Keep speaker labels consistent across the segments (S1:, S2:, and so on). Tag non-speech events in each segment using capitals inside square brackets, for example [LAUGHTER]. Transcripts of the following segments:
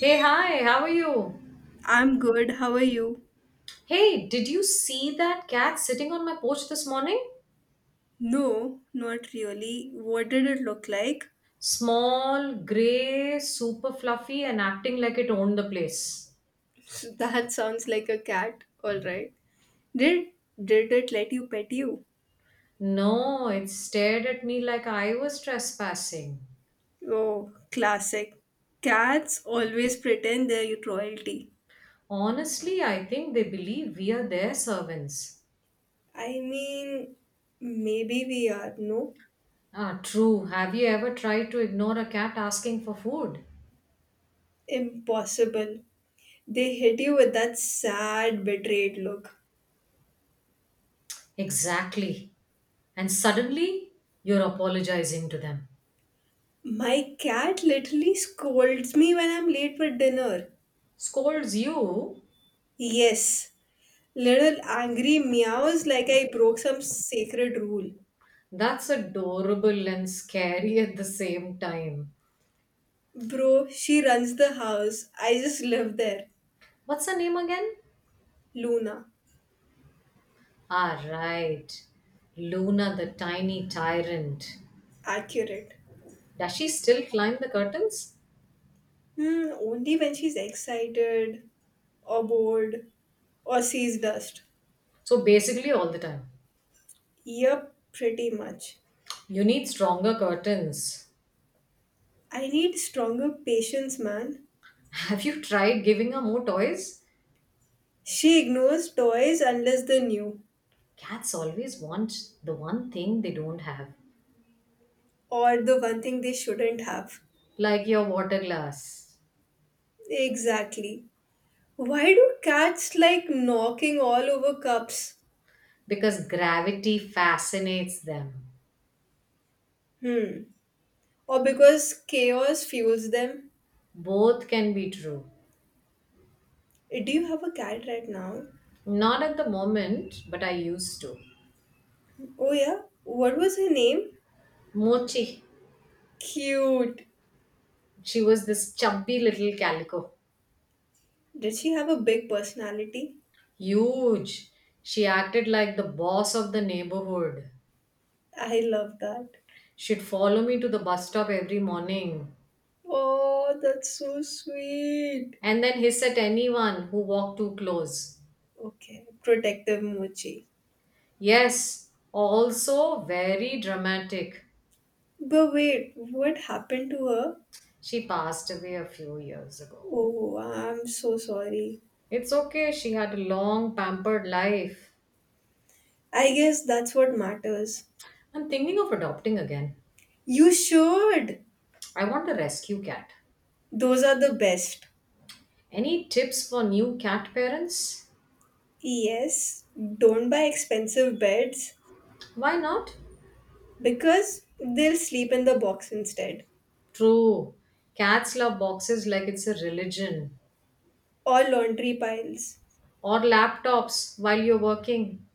S1: Hey, hi, how are you?
S2: I'm good. How are you?
S1: Hey, did you see that cat sitting on my porch this morning?
S2: No, not really. What did it look like?
S1: Small, grey, super fluffy, and acting like it owned the place.
S2: That sounds like a cat. All right. Did did it let you pet you?
S1: No, it stared at me like I was trespassing.
S2: Oh, classic. Cats always pretend they're royalty.
S1: Honestly, I think they believe we are their servants.
S2: I mean, maybe we are, no?
S1: Ah, true. Have you ever tried to ignore a cat asking for food?
S2: Impossible. They hit you with that sad, betrayed look.
S1: Exactly. And suddenly, you're apologizing to them.
S2: My cat literally scolds me when I'm late for dinner.
S1: Scolds you.
S2: Yes, little angry meows like I broke some sacred rule.
S1: That's adorable and scary at the same time.
S2: Bro, she runs the house. I just live there.
S1: What's her name again?
S2: Luna.
S1: Ah, right. Luna, the tiny tyrant.
S2: Accurate.
S1: Does she still climb the curtains?
S2: Hmm, only when she's excited or bored or sees dust.
S1: So basically, all the time.
S2: Yup, pretty much.
S1: You need stronger curtains.
S2: I need stronger patience, man.
S1: [LAUGHS] Have you tried giving her more toys?
S2: She ignores toys unless they're new
S1: Cats always want the one thing they don't have,
S2: or the one thing they shouldn't have.
S1: like your water glass,
S2: Exactly. Why do cats like knocking all over cups?
S1: because gravity fascinates them.
S2: Hmm, or because chaos fuels them.
S1: Both can be true.
S2: Do you have a cat right now?
S1: Not at the moment, but I used to.
S2: Oh, yeah. What was her name?
S1: Mochi.
S2: Cute.
S1: She was this chubby little calico.
S2: Did she have a big personality?
S1: Huge. She acted like the boss of the neighborhood.
S2: I love that.
S1: She'd follow me to the bus stop every morning
S2: Oh, that's so sweet.
S1: and then hiss at anyone who walked too close.
S2: Okay, protective Mochi.
S1: Yes, also very dramatic.
S2: But wait, what happened to her?
S1: She passed away a few years ago.
S2: Oh, I'm so sorry.
S1: It's okay, she had a long, pampered life.
S2: I guess that's what matters.
S1: I'm thinking of adopting again.
S2: You should.
S1: I want a rescue cat.
S2: Those are the best.
S1: Any tips for new cat parents?
S2: Yes, don't buy expensive beds.
S1: Why not?
S2: Because they'll sleep in the box instead,
S1: True. Cats love boxes like it's a religion.
S2: or laundry piles.
S1: Or laptops while you're working.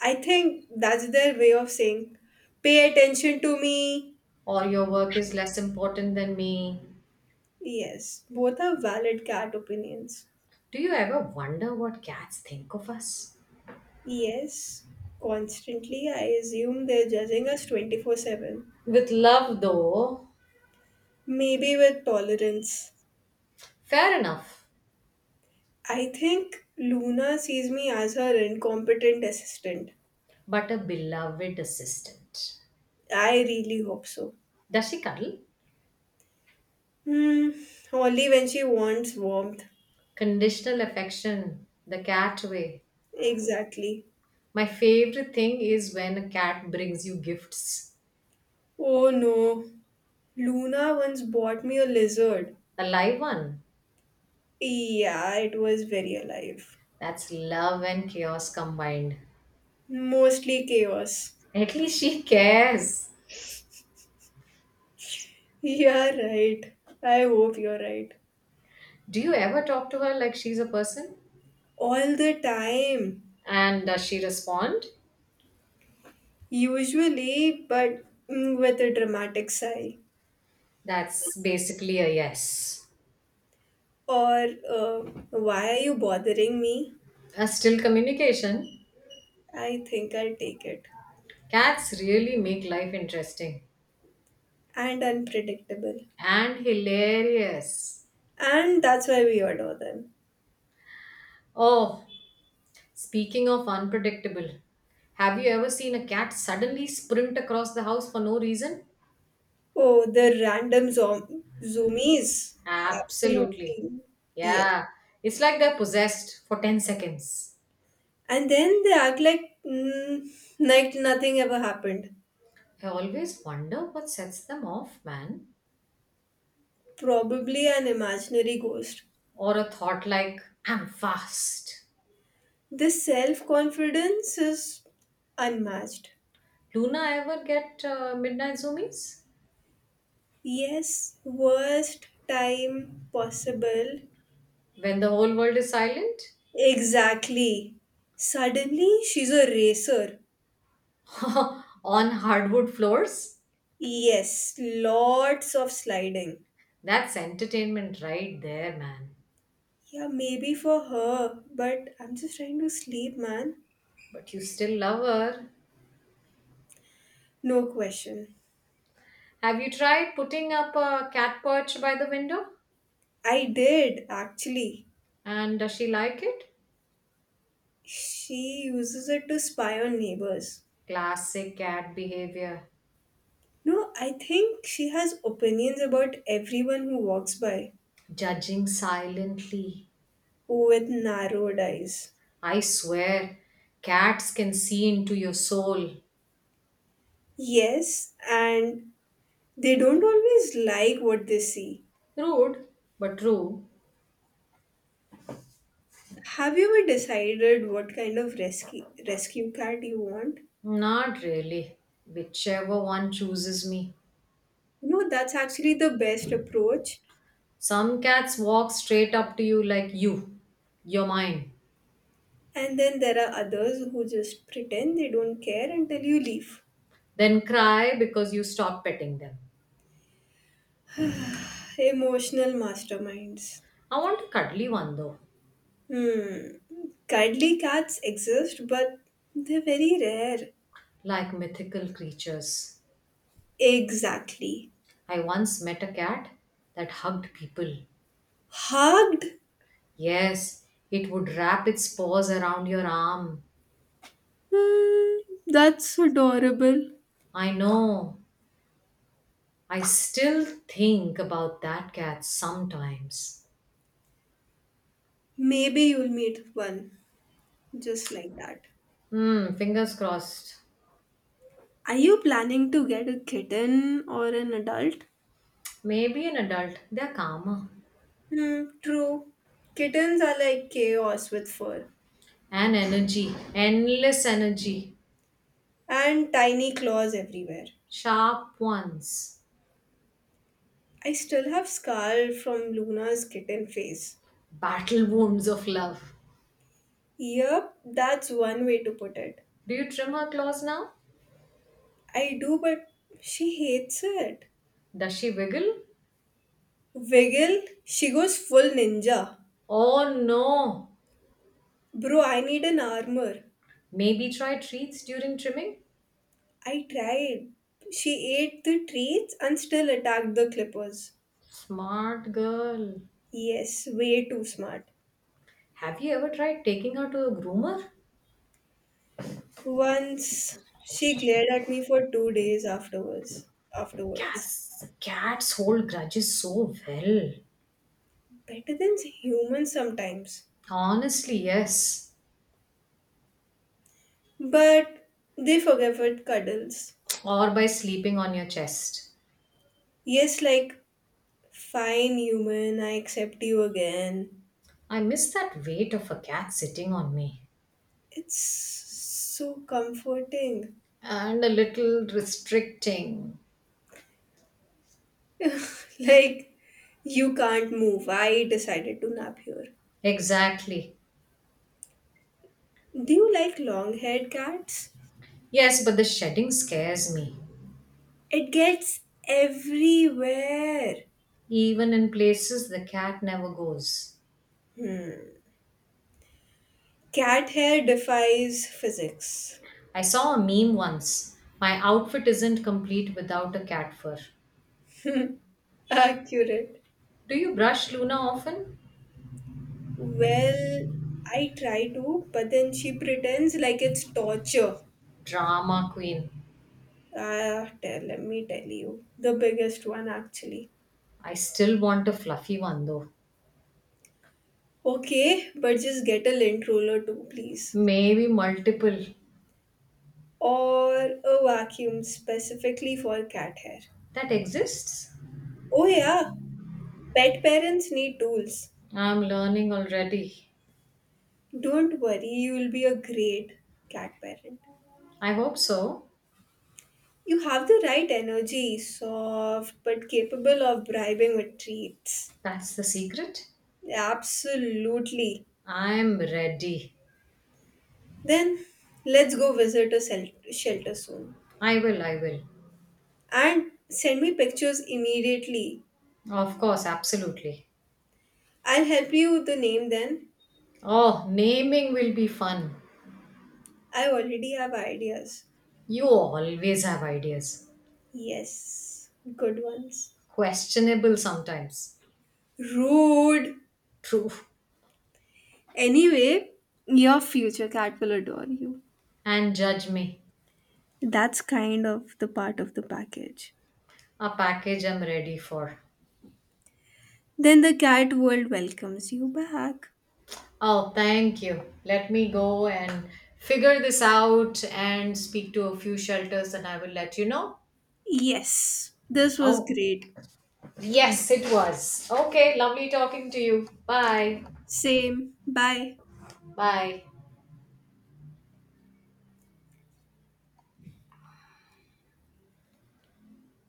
S2: I think that's their way of saying, pay attention to me.
S1: Or your work is less important than me.
S2: Yes, both are valid cat opinions.
S1: Do you ever wonder what cats think of us?
S2: Yes, constantly, I assume they're judging us 24/7.
S1: With love, though,
S2: Maybe with tolerance.
S1: fair enough.
S2: I think Luna sees me as her incompetent assistant.
S1: But a beloved assistant.
S2: I really hope so.
S1: Does she cuddle?
S2: Hmm, only when she wants warmth.
S1: Conditional affection, the cat way.
S2: Exactly.
S1: My favorite thing is when a cat brings you gifts.
S2: Oh no, Luna once bought me a lizard.
S1: A live one.
S2: Yeah, it was very alive.
S1: That's love and chaos combined.
S2: Mostly chaos. [LAUGHS]
S1: At least she cares.
S2: Yeah, right. I hope you're right.
S1: Do you ever talk to her like she's a person?
S2: All the time.
S1: And does she respond?
S2: Usually, but with a dramatic sigh.
S1: That's basically a yes.
S2: Or, uh, why are you bothering me?
S1: As still communication,
S2: I think I'll take it.
S1: cats really make life interesting
S2: And unpredictable.
S1: and hilarious.
S2: And that's why we adore them.
S1: Oh, speaking of unpredictable, have you ever seen a cat suddenly sprint across the house for no reason?
S2: Oh, the random zoomies.
S1: Absolutely.
S2: Absolutely. Yes.
S1: Yeah, it's like they're possessed for 10 seconds.
S2: And then they act like like nothing ever happened.
S1: I always wonder what sets them off, man.
S2: Probably an imaginary ghost.
S1: Or a thought like, I'm fast.
S2: This self confidence is unmatched.
S1: Luna ever get midnight zoomies?
S2: Yes, worst time possible.
S1: When the whole world is silent?
S2: Exactly. Suddenly, she's a racer.
S1: [LAUGHS] On hardwood floors?
S2: Yes, lots of sliding.
S1: That's entertainment right there, man.
S2: Yeah, maybe for her, but I'm just trying to sleep, man.
S1: But you still love her.
S2: No question.
S1: Have you tried putting up a cat perch by the window?
S2: I did, actually.
S1: And does she like it?
S2: She uses it to spy on neighbors.
S1: Classic cat behavior.
S2: No, I think she has opinions about everyone who walks by
S1: Judging silently.
S2: with narrowed eyes.
S1: I swear, cats can see into your soul.
S2: Yes, and they don't always like what they see.
S1: Rude, but true.
S2: Have you ever decided what kind of rescue cat you want?
S1: Not really. Whichever one chooses me.
S2: No, that's actually the best approach.
S1: Some cats walk straight up to you like you're mine,
S2: And then there are others who just pretend they don't care until you leave.
S1: then cry because you stop petting them.
S2: Emotional masterminds.
S1: I want a cuddly one though,
S2: Hmm. Cuddly cats exist, but they're very rare.
S1: like mythical creatures.
S2: Exactly.
S1: I once met a cat that hugged people.
S2: Hugged?
S1: Yes, it would wrap its paws around your arm.
S2: Hmm. That's adorable.
S1: I know. I still think about that cat sometimes.
S2: Maybe you'll meet one just like that.
S1: Hmm, fingers crossed.
S2: Are you planning to get a kitten or an adult?
S1: Maybe an adult. They're calmer.
S2: Hmm, true. Kittens are like chaos with fur
S1: And energy, endless energy,
S2: and tiny claws everywhere.
S1: sharp ones,
S2: I still have scar from Luna's kitten phase.
S1: battle wounds of love.
S2: Yep, that's one way to put it.
S1: Do you trim her claws now?
S2: I do, but she hates it.
S1: Does she wiggle?
S2: Wiggle, she goes full ninja.
S1: Oh no!
S2: Bro, I need an armor.
S1: Maybe try treats during trimming?
S2: I tried. She ate the treats and still attacked the clippers.
S1: Smart girl.
S2: Yes, way too smart.
S1: Have you ever tried taking her to a groomer?
S2: Once she glared at me for 2 days afterwards. Afterwards,
S1: Cats hold grudges so well.
S2: better than humans sometimes.
S1: Honestly, yes.
S2: But they forgave it cuddles.
S1: Or by sleeping on your chest.
S2: Yes, like, fine, human, I accept you again.
S1: I miss that weight of a cat sitting on me.
S2: It's so comforting.
S1: And a little restricting.
S2: [LAUGHS] Like, you can't move. I decided to nap here.
S1: Exactly.
S2: Do you like long haired cats?
S1: Yes, but the shedding scares me.
S2: It gets everywhere.
S1: Even in places the cat never goes.
S2: Hmm. Cat hair defies physics.
S1: I saw a meme once. My outfit isn't complete without a cat fur.
S2: [LAUGHS] Accurate.
S1: Do you brush Luna often?
S2: Well, I try to, but then she pretends like it's torture.
S1: Drama queen.
S2: Let me tell you. The biggest one, actually.
S1: I still want a fluffy one though.
S2: Okay, but just get a lint roller too, please.
S1: Maybe multiple.
S2: Or a vacuum specifically for cat hair.
S1: That exists?
S2: Oh, yeah, pet parents need tools.
S1: I'm learning already.
S2: Don't worry, you will be a great cat parent.
S1: I hope so.
S2: You have the right energy, soft but capable of bribing with treats.
S1: That's the secret.
S2: Absolutely.
S1: I'm ready.
S2: Then let's go visit a shelter soon.
S1: I will.
S2: And send me pictures immediately.
S1: Of course, absolutely.
S2: I'll help you with the name then.
S1: Oh, naming will be fun.
S2: I already have ideas.
S1: You always have ideas.
S2: Yes, good ones.
S1: Questionable sometimes.
S2: Rude.
S1: True.
S2: Anyway, your future cat will adore you.
S1: And judge me.
S2: That's kind of the part of the package.
S1: A package I'm ready for.
S2: Then the cat world welcomes you back.
S1: Oh, thank you. Let me go and figure this out and speak to a few shelters and I will let you know.
S2: Yes, this was
S1: Oh,
S2: great.
S1: yes, it was. Okay, lovely talking to you. Bye.
S2: Same. Bye.
S1: Bye.